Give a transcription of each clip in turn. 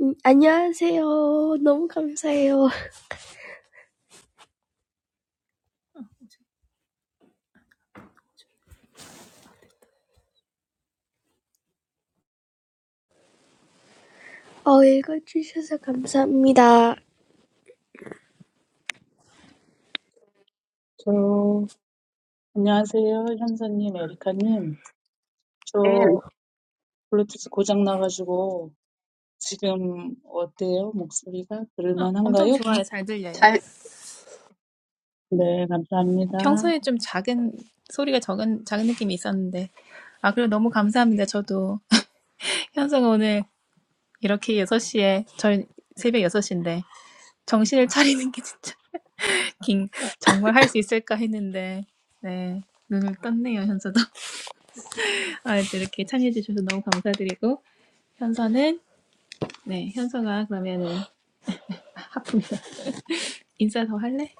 음, 안녕하세요. 너무 감사해요. 어, 읽어주셔서 감사합니다. 저, 안녕하세요. 현서님, 에리카님. And 저, 블루투스 고장 나가지고, 지금 어때요? 목소리가 어, 엄청 들을만한가요? 좋아요. 잘 들려요. I 네, 감사합니다. 평소에 좀 작은 소리가 적은 작은 느낌이 있었는데 아 그리고 너무 감사합니다. 저도 현성 오늘 이렇게 여섯 시에 저희 새벽 여섯 시인데 정신을 차리는 게 진짜 긴 정말 할 수 있을까 했는데 네 눈을 떴네요. 현서도 아 이제 이렇게 참여해 주셔서 너무 감사드리고 현서는 네 현서가 그러면은 하품이다. 인사 더 할래?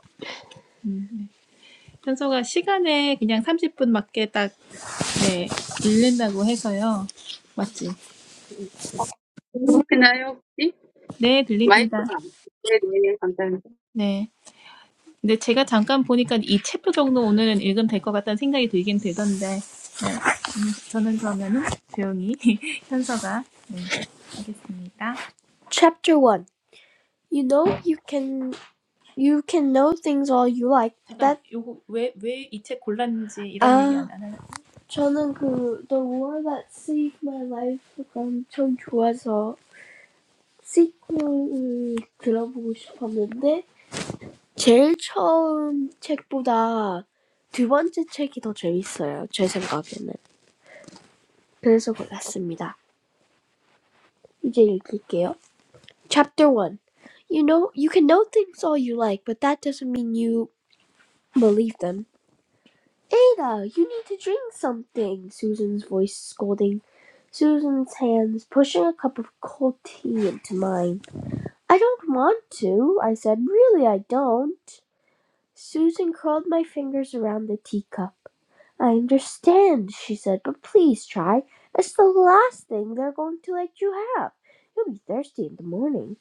탄소가 시간에 그냥 삼십 분 맞게 딱, 네, 밀린다고 해서요. 맞- 어, 들리시나요, 혹시? 네, 들립니다. 마이크가 안 네, 네, 네. 근데 제가 잠깐 보니까 이 챕터 정도 오늘은 읽으면 될 것 같다는 생각이 들긴 들던데, 저는 그러면은 조용히 현서가, 네, 하겠습니다. Chapter one. You know you can you can know things all you like. 잠깐, That. 이거 왜왜 이 책 골랐는지 이런 이야기가 나왔어요. 저는 그 The war that saved my life. 그런 좀 좋아서. 시콩을 들어보고 싶었는데 제일 처음 책보다 두 번째 책이 더 재밌어요. 제 생각에는. 그래서 골랐습니다. 이제 읽을게요. Chapter 1 You know, you can know things all you like, but that doesn't mean you believe them. Ada, you need to drink something, Susan's voice scolding. Susan's hands pushing a cup of cold tea into mine. I don't want to, I said. Really, I don't. Susan curled my fingers around the teacup. I understand, she said, but please try. It's the last thing they're going to let you have. You'll be thirsty in the morning.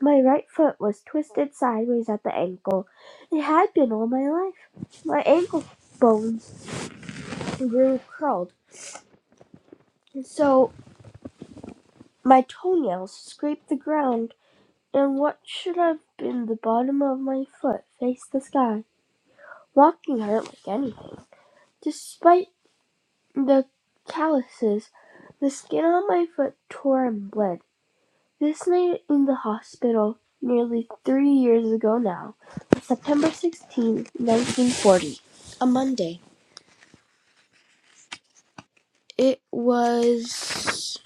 My right foot was twisted sideways at the ankle. It had been all my life. My ankle bones grew curled, and so my toenails scraped the ground, and what should have been the bottom of my foot faced the sky. Walking hurt like anything. Despite The calluses. The skin on my foot tore and bled. This night in the hospital, nearly three years ago now, September sixteenth, 1940. A Monday. It was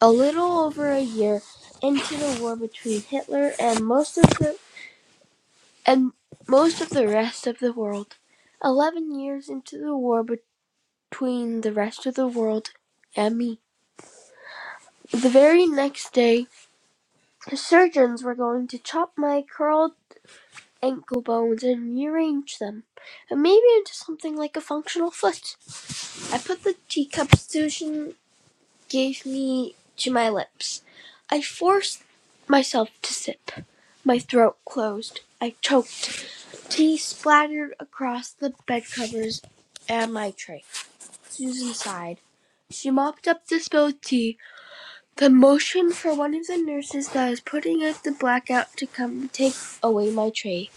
a little over a year into the war between Hitler and most of the and most of the rest of the world. 11 years into the war between the rest of the world and me. The very next day The surgeons were going to chop my curled ankle bones and rearrange them, and maybe into something like a functional foot. I put the teacup Susan gave me to my lips. I forced myself to sip. My throat closed. I choked. Tea splattered across the bed covers and my tray. Susan sighed. She mopped up the spilled tea The motion for one of the nurses that was putting out the blackout to come take away my tray.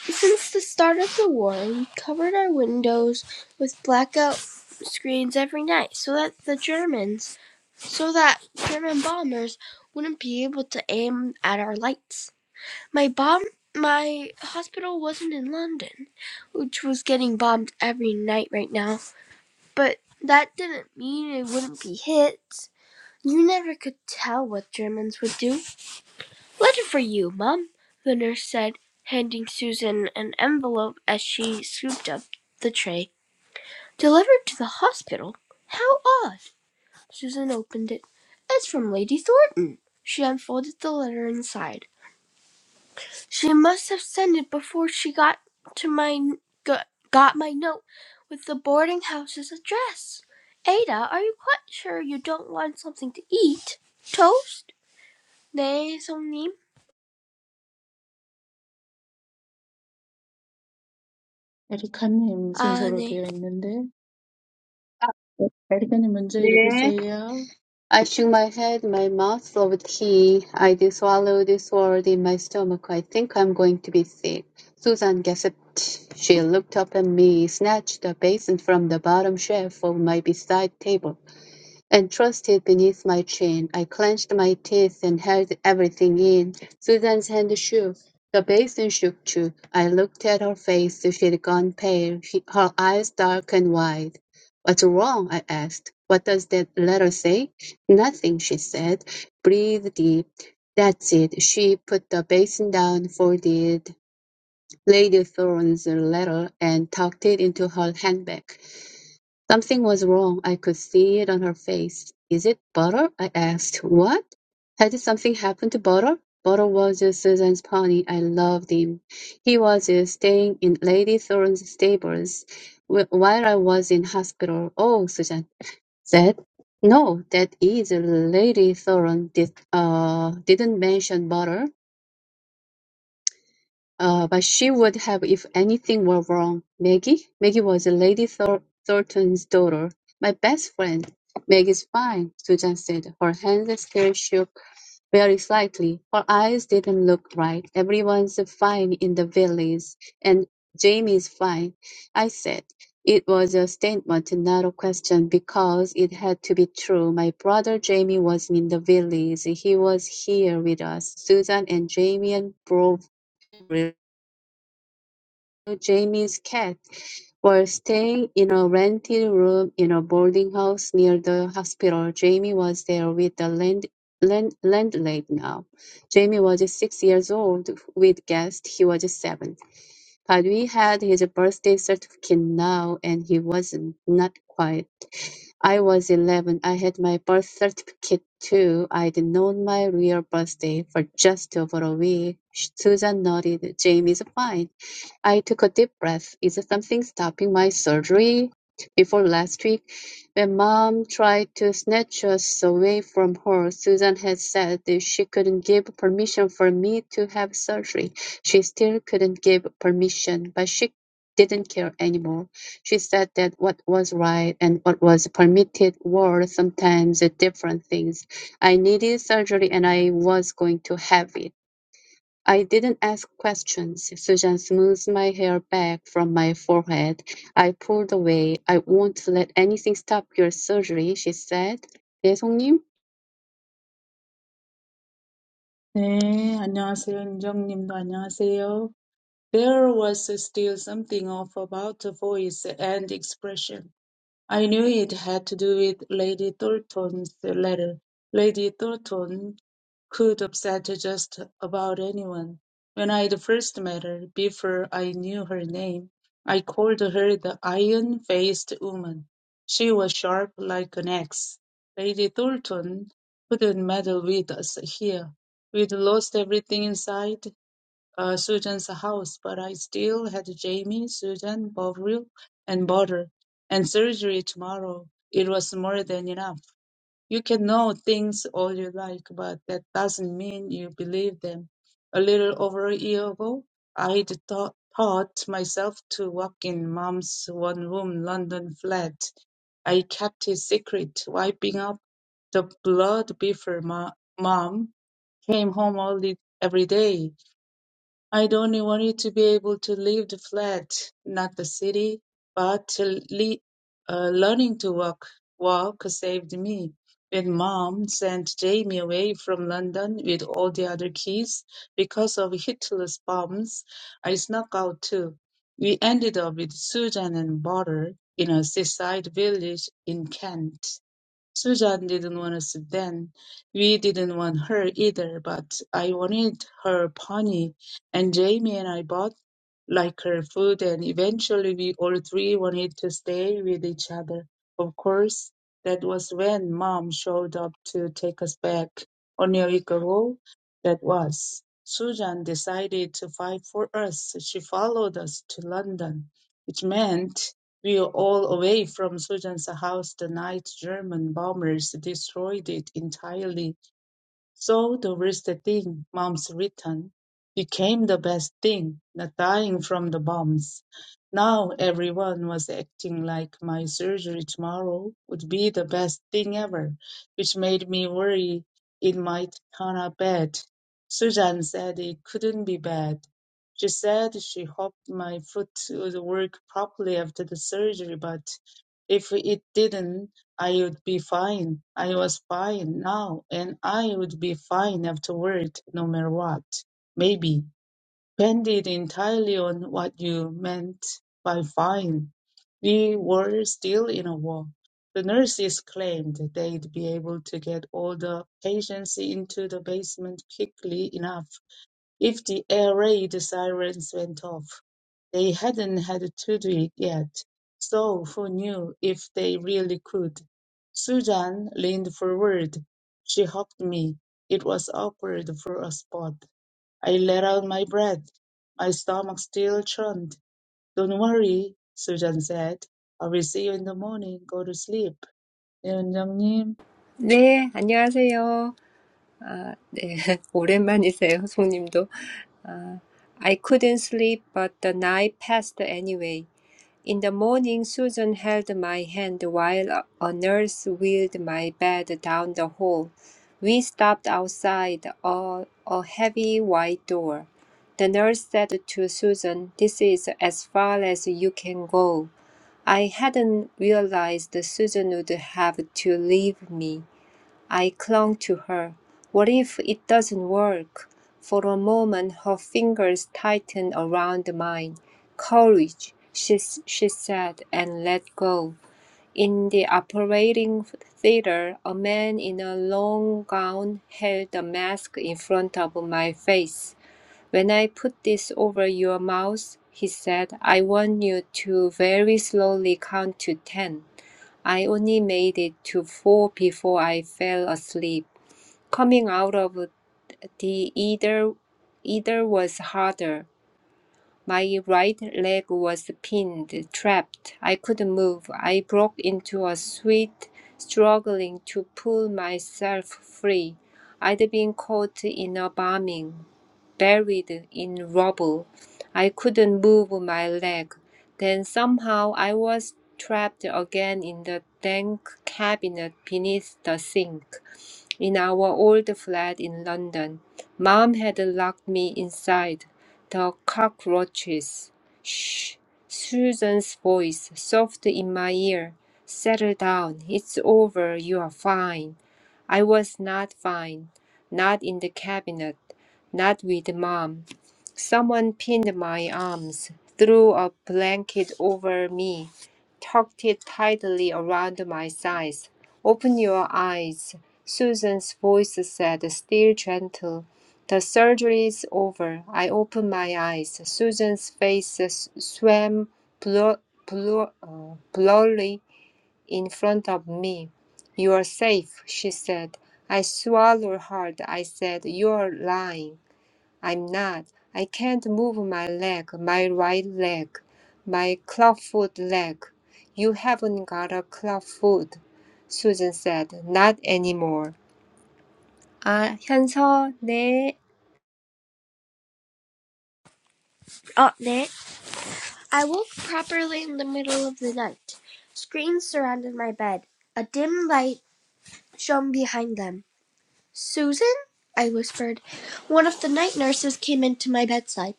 Since the start of the war, we covered our windows with blackout screens every night so that the Germans, so that German bombers wouldn't be able to aim at our lights. My bomb my hospital wasn't in London, which was getting bombed every night right now, but that didn't mean it wouldn't be hit. You never could tell what Germans would do. Letter for you, Mum, the nurse said, handing Susan an envelope as she scooped up the tray. Delivered to the hospital? How odd! Susan opened it. It's from Lady Thornton. She unfolded the letter inside. She must have sent it before she got to my got, my note with the boarding house's address. Ada, are you quite sure you don't want something to eat? Toast? 네, 성님. 에리카님 아, 순서로 네. 되어 있는데, 네, 에리카님 먼저 네. 읽으세요. I shook my head, my mouth throbbed he. I did swallow this sword in my stomach. I think I'm going to be sick. Susan gasped. She looked up at me, snatched a basin from the bottom shelf of my beside table. Entrusted beneath my chin, I clenched my teeth and held everything in. Susan's hand shook. The basin shook too. I looked at her face. She'd gone pale, she, her eyes dark and wide. What's wrong? I asked. What does that letter say? Nothing, she said. Breathe deep. That's it. She put the basin down, folded Lady Thorne's letter, and tucked it into her handbag. Something was wrong. I could see it on her face. Is it butter? I asked. What? Had something happened to butter? Butter was Susan's pony. I loved him. He was uh, staying in Lady Thorne's stables wh- while I was in hospital. Oh, Susan said. No, that is Lady Thorne did, uh, didn't mention butter. Uh, but she would have if anything were wrong. Maggie? Maggie was Lady Thor- Thornton's daughter. My best friend. Maggie's fine, Susan said. Her hand still shook very slightly. Her eyes didn't look right. Everyone's fine in the village, and Jamie's fine, I said. It was a statement, not a question, because it had to be true. My brother Jamie wasn't in the village. He was here with us. Susan and Jamie and Bro Jamie's cat were staying in a rented room in a boarding house near the hospital. Jamie was there with the land, land, landlady now. Jamie was six years old. With guests, he was seven. But we had his birthday certificate now, and he wasn't not quite. I was eleven. I had my birth certificate too. I'd known my real birthday for just over a week. Susan nodded. Jamie's fine. I took a deep breath. Is there something stopping my surgery? Before last week, when mom tried to snatch us away from her, Susan had said that she couldn't give permission for me to have surgery. She still couldn't give permission, but she didn't care anymore. She said that what was right and what was permitted were sometimes different things. I needed surgery and I was going to have it. I didn't ask questions. Susan smoothed my hair back from my forehead. I pulled away. I won't let anything stop your surgery, she said. 네, 송님. 네, 안녕하세요. 은정님도 안녕하세요. There was still something off about the voice and expression. I knew it had to do with Lady Thornton's letter. Lady Thornton could upset just about anyone. When I'd first met her, before I knew her name, I called her the iron-faced woman. She was sharp like an axe. Lady Thornton couldn't meddle with us here. We'd lost everything inside, uh, Susan's house, but I still had Jamie, Susan, Bovril, and butter, and surgery tomorrow. It was more than enough. You can know things all you like, but that doesn't mean you believe them. A little over a year ago, I'd taught taught myself to walk in mom's one-room London flat. I kept it secret, wiping up the blood before ma- mom came home early every day. I'd only wanted to be able to leave the flat, not the city, but to le- uh, learning to walk, walk saved me. When mom sent Jamie away from London with all the other kids because of Hitler's bombs, I snuck out too. We ended up with Susan and Butter in a seaside village in Kent. Susan didn't want us then. We didn't want her either, but I wanted her pony, and Jamie and I both like her food, and eventually we all three wanted to stay with each other. Of course, that was when Mom showed up to take us back. Only a week ago, that was. Susan decided to fight for us. She followed us to London, which meant we were all away from Sudan's house the night German bombers destroyed it entirely. So the worst thing, Mom's return, became the best thing, not dying from the bumps. Now everyone was acting like my surgery tomorrow would be the best thing ever, which made me worry it might turn out bad. Susan said it couldn't be bad. She said she hoped my foot would work properly after the surgery, but if it didn't, I would be fine. I was fine now, and I would be fine afterward, no matter what. Maybe. Depended entirely on what you meant by fine. We were still in a war. The nurses claimed they'd be able to get all the patients into the basement quickly enough if the air raid sirens went off, they hadn't had to do it yet, so who knew if they really could? Susan leaned forward. She hugged me. It was awkward for a spot. I let out my breath. My stomach still churned. Don't worry, Susan said. I will see you in the morning. Go to sleep. 네, 원장님. 네, 안녕하세요. 아, 네, 오랜만이세요, 송님도. 아, I couldn't sleep, but the night passed anyway. In the morning, Susan held my hand while a a nurse wheeled my bed down the hall. We stopped outside a, a heavy white door. The nurse said to Susan, This is as far as you can go. I hadn't realized Susan would have to leave me. I clung to her. What if it doesn't work? For a moment, her fingers tightened around mine. Courage, she, she said, and let go. In the operating theater, a man in a long gown held a mask in front of my face. When I put this over your mouth, he said, I want you to very slowly count to ten. I only made it to four before I fell asleep. Coming out of the either either was harder. My right leg was pinned, trapped. I couldn't move. I broke into a sweat, struggling to pull myself free. I'd been caught in a bombing, buried in rubble. I couldn't move my leg. Then somehow I was trapped again in the dank cabinet beneath the sink. In our old flat in London, Mom had locked me inside. The cockroaches. Shh. Susan's voice, soft in my ear. Settle down. It's over. You are fine. I was not fine. Not in the cabinet. Not with Mom. Someone pinned my arms, threw a blanket over me, tucked it tightly around my sides. Open your eyes. Susan's voice said, still gentle. The surgery is over. I opened my eyes. Susan's face swam blur, blur, uh, blurry in front of me. You are safe, she said. I swallowed hard. I said, You are lying. I'm not. I can't move my leg, my right leg, my clawfoot leg. You haven't got a clawfoot, Susan said. Not anymore. 아, 현서, 네. 어, 네. I woke properly in the middle of the night. Screens surrounded my bed. A dim light shone behind them. Susan? I whispered. One of the night nurses came into my bedside.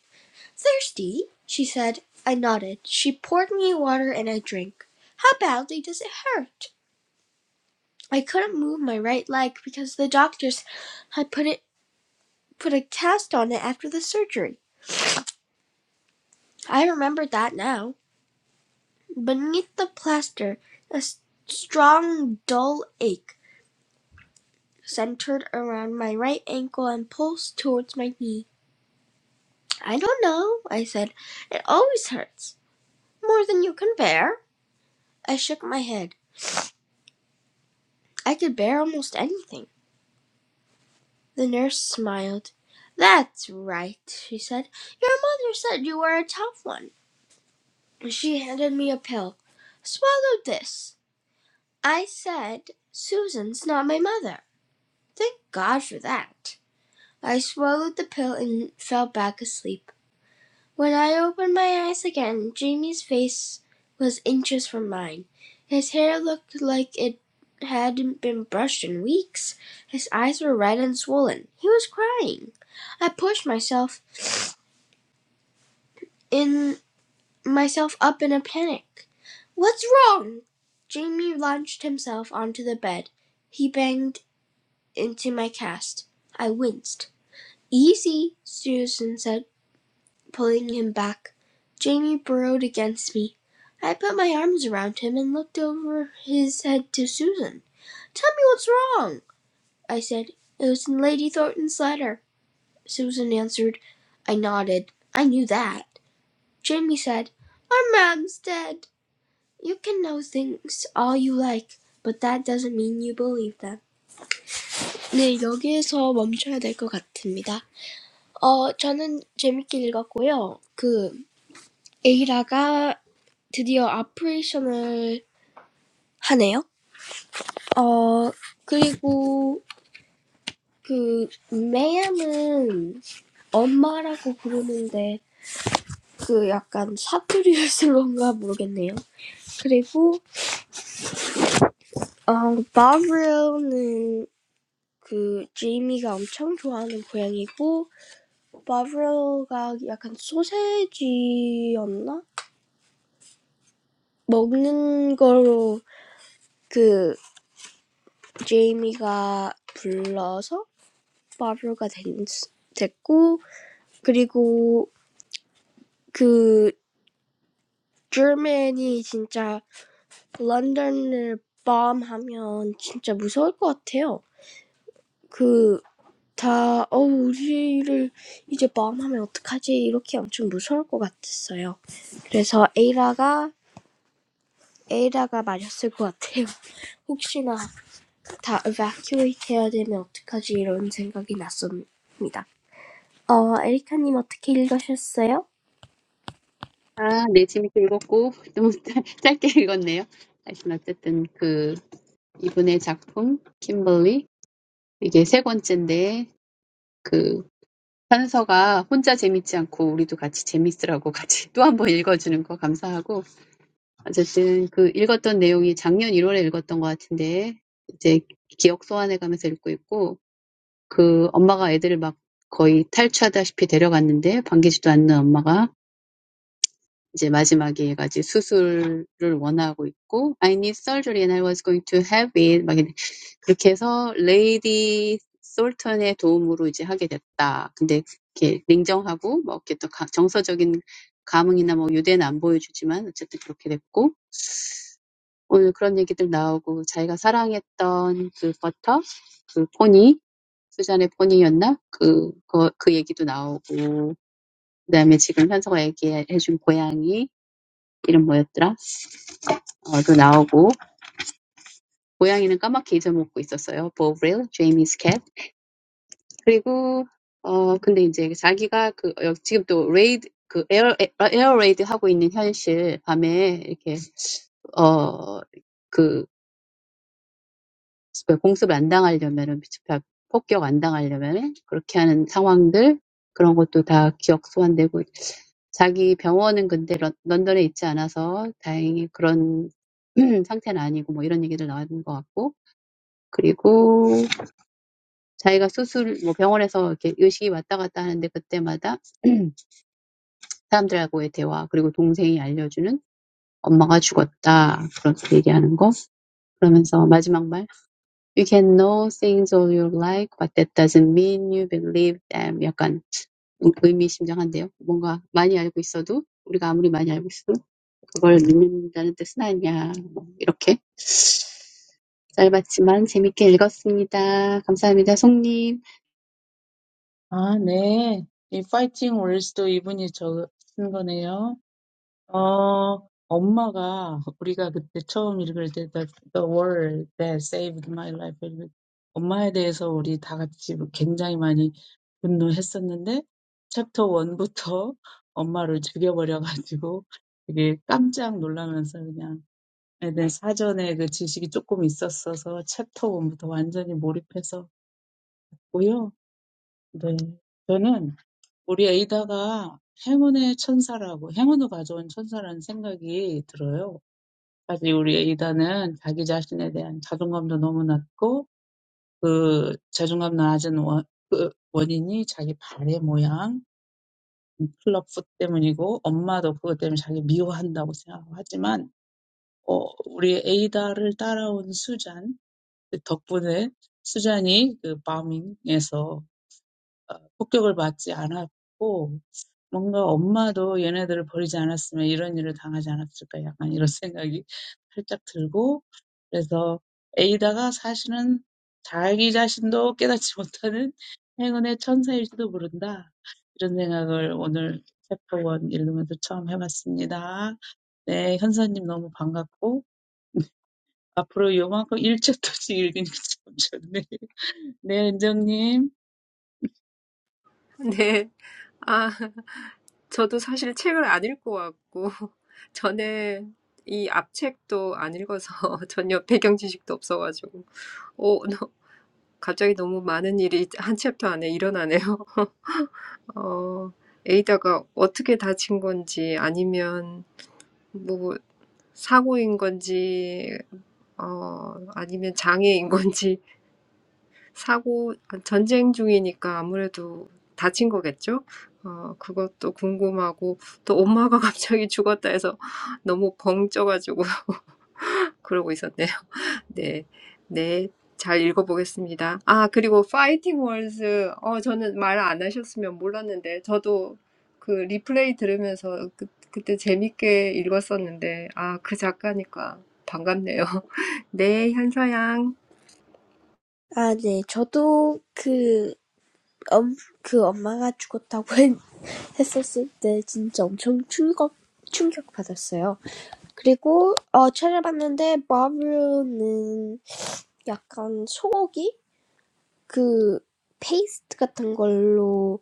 Thirsty? She said. I nodded. She poured me water and I drank. How badly does it hurt? I couldn't move my right leg because the doctors had put it put a cast on it after the surgery. I remembered that now. Beneath the plaster a strong dull ache centered around my right ankle and pulsed towards my knee. "I don't know," I said. "It always hurts." "More than you can bear?" I shook my head. "I could bear almost anything." The nurse smiled. "That's right," she said. "Your mother said you were a tough one." She handed me a pill. "Swallow this." I said, "Susan's not my mother." Thank God for that! I swallowed the pill and fell back asleep. When I opened my eyes again, Jamie's face was inches from mine. His hair looked like it hadn't been brushed in weeks. His eyes were red and swollen. He was crying. I pushed myself in myself up in a panic. "What's wrong?" Jamie launched himself onto the bed. He banged into my cast. I winced. "Easy," Susan said. pulling him back. Jamie burrowed against me. I put my arms around him and looked over his head to Susan. "Tell me what's wrong," I said. "It was in Lady Thornton's letter," Susan answered. I nodded. I knew that. Jamie said, "Our mam's dead. You can know things all you like, but that doesn't mean you believe them." 네, 여기에서 멈춰야 될 것 같습니다. 어, 저는 재밌게 읽었고요. 그 에이라가 드디어 아프레이션을 하네요. 어, 그리고 그 매야는 엄마라고 부르는데 그 약간 사투리를 쓴 건가 모르겠네요. 그리고 어, 바브로는 그 제이미가 엄청 좋아하는 고양이고 바브로가 약간 소세지였나? 먹는 거로 그 제이미가 불러서 Five years. And German is really, really scary. If they bomb London, it's really scary. If they bomb London, it's really scary. If they bomb London, it's really scary. 아, 네, 재밌게 읽었고, 너무 짧- 짧게 읽었네요. 하여튼, 어쨌든, 그, 이분의 작품, 킴벌리. 이게 세 번째인데, 그, 현서가 혼자 재밌지 않고, 우리도 같이 재밌으라고 같이 또 한 번 읽어주는 거 감사하고, I just read the content last year in January. I'm reading it now, recalling it. My mom took the kids away, almost like a runaway, but she didn't even welcome them. Now, at the end, I want surgery. I need surgery, and I was going to have it. So, with Lady Soltan's help, I did it. But it was cold and emotional. I didn't show any affection, but it happened anyway. 오늘 그런 얘기들 나오고 자기가 사랑했던 그 버터, 그 포니, 수잔의 포니였나? 그, 그, 그 얘기도 나오고 그 다음에 지금 현서가 얘기해준 고양이 이름 뭐였더라? 어, 도 나오고 고양이는 까맣게 잊어먹고 있었어요. 보브릴, 제이미스 캣. 그리고 어 근데 이제 자기가 그 어, 지금 또 레이드 그 에어 에어 레이드 하고 있는 현실 밤에 이렇게 어그 그 공습을 안 당하려면은 폭격 안 당하려면은 그렇게 하는 상황들 그런 것도 다 기억 소환되고 자기 병원은 근데 런, 런던에 있지 않아서 다행히 그런 상태는 아니고 뭐 이런 얘기들 나왔는 것 같고 그리고 자기가 수술 뭐 병원에서 이렇게 의식이 왔다 갔다 하는데 그때마다 사람들하고의 대화 그리고 동생이 알려주는 엄마가 죽었다 그렇게 얘기하는 거 그러면서 마지막 말 You can know things all you like, but that doesn't mean you believe them. 약간 의미심장한데요. 뭔가 많이 알고 있어도 우리가 아무리 많이 알고 있어도 그걸 믿는다는 뜻은 아니야. 뭐 이렇게 짧았지만 재밌게 읽었습니다. 감사합니다, 송님. 아, 네. 이 파이팅 월스도 이분이 적으신 거네요. Oh, my mom. When we first read the world that saved my life, my mom. About my mom, we all were very angry. Chapter one, my mom was killed. I was really surprised. I had some knowledge about the dictionary, so I was completely absorbed in chapter one. Yes, I think Ada is a lucky angel. A lucky angel brought me. 사실 우리 에이다는 자기 자신에 대한 자존감도 너무 낮고 그 자존감 낮은 원, 그 원인이 자기 발의 모양, 클럽풋 때문이고 엄마도 그것 때문에 자기 미워한다고 생각하고 하지만 어, 우리 에이다를 따라온 수잔 그 덕분에 수잔이 그 바밍에서 폭격을 받지 않았고 뭔가 엄마도 얘네들을 버리지 않았으면 이런 일을 당하지 않았을까 약간 이런 생각이 살짝 들고 그래서 에이다가 사실은 자기 자신도 깨닫지 못하는 행운의 천사일지도 모른다 이런 생각을 오늘 챕터 1 읽으면서 처음 해봤습니다. 네, 현서님 너무 반갑고 앞으로 요만큼 1챕터씩 읽으니까 참 좋네. 네, 은정님. 네. 아, 저도 사실 책을 안 읽고 왔고, 저는 이 앞책도 안 읽어서 전혀 배경 지식도 없어가지고, 오, 너, 갑자기 너무 많은 일이 한 챕터 안에 일어나네요. 어, 에이다가 어떻게 다친 건지, 아니면 뭐 사고인 건지, 어, 아니면 장애인 건지, 사고 전쟁 중이니까 아무래도 다친 거겠죠? 어 그것도 궁금하고 또 엄마가 갑자기 죽었다 해서 너무 벙쪄 가지고 그러고 있었네요. 네. 네. 잘 읽어보겠습니다. 아 그리고 Fighting Words 어 저는 말안 하셨으면 몰랐는데 저도 그 리플레이 들으면서 그, 그때 재밌게 읽었었는데 아 그 작가니까 반갑네요. 네, 현서양. 아, 네. 저도 그, 엄, 그 엄마가 죽었다고 했었을 때 진짜 엄청 충격, 충격받았어요. 그리고, 어, 찾아봤는데, 마블은 약간 소고기? 그, 페이스트 같은 걸로,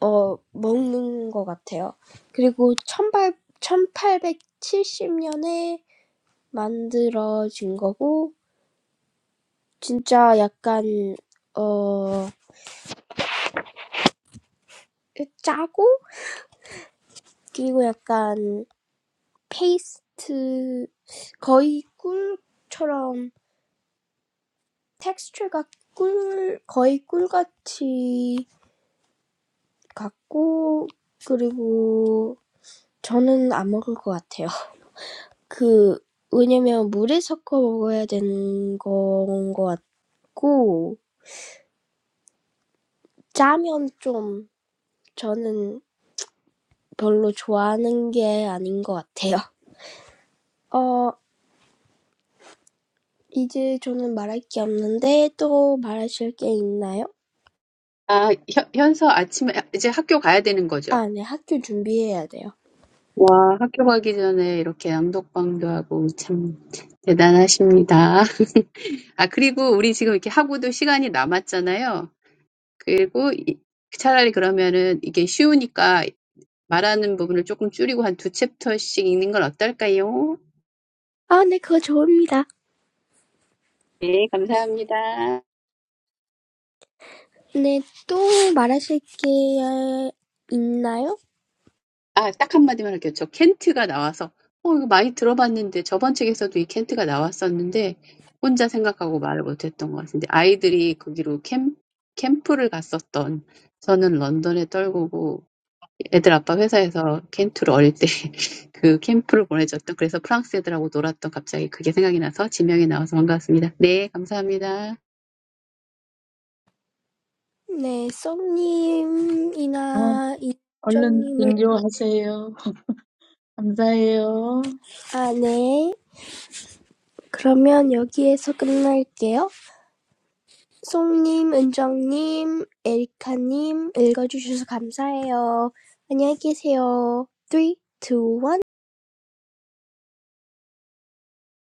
어, 먹는 것 같아요. 그리고, 천팔 천팔백칠십 년에 만들어진 거고, 진짜 약간, 어, 짜고, 그리고 약간 페이스트 거의 꿀처럼 텍스처가 꿀 거의 꿀같이 같고 그리고 저는 안 먹을 것 같아요. 그 왜냐면 물에 섞어 먹어야 되는 건 것 같고 짜면 좀 저는 별로 좋아하는 게 아닌 것 같아요. 어 이제 저는 말할 게 없는데 또 말하실 게 있나요? 아 현, 현서 아침에 이제 학교 가야 되는 거죠? 아, 네, 학교 준비해야 돼요. 와 학교 가기 전에 이렇게 낭독방도 하고 참 대단하십니다. 아 그리고 우리 지금 이렇게 하고도 시간이 남았잖아요. 그리고 이 차라리 그러면은 이게 쉬우니까 말하는 부분을 조금 줄이고 한두 챕터씩 읽는 건 어떨까요? 아, 네, 그거 좋습니다. 네, 감사합니다. 네, 또 말하실 게 있나요? 아, 딱 한마디만 할게요. 저 켄트가 나와서, 어, 이거 많이 들어봤는데, 저번 책에서도 이 켄트가 나왔었는데, 혼자 생각하고 말을 못했던 것 같은데, 아이들이 거기로 캠, 캠프를 갔었던, 저는 런던에 떨구고, 애들 아빠 회사에서 캠프를 어릴 때 그 캠프를 보내줬던 그래서 프랑스 애들하고 놀았던 갑자기 그게 생각이 나서 지명이 나와서 반가웠습니다. 네, 감사합니다. 네, 아, 썸님이나 얼른 인정님은, 등교하세요. 감사해요. 아, 네. 그러면 여기에서 끝날게요. 송님, 은정님, 에리카님, 읽어주셔서 감사해요. 안녕히 계세요. 3, 2, 1.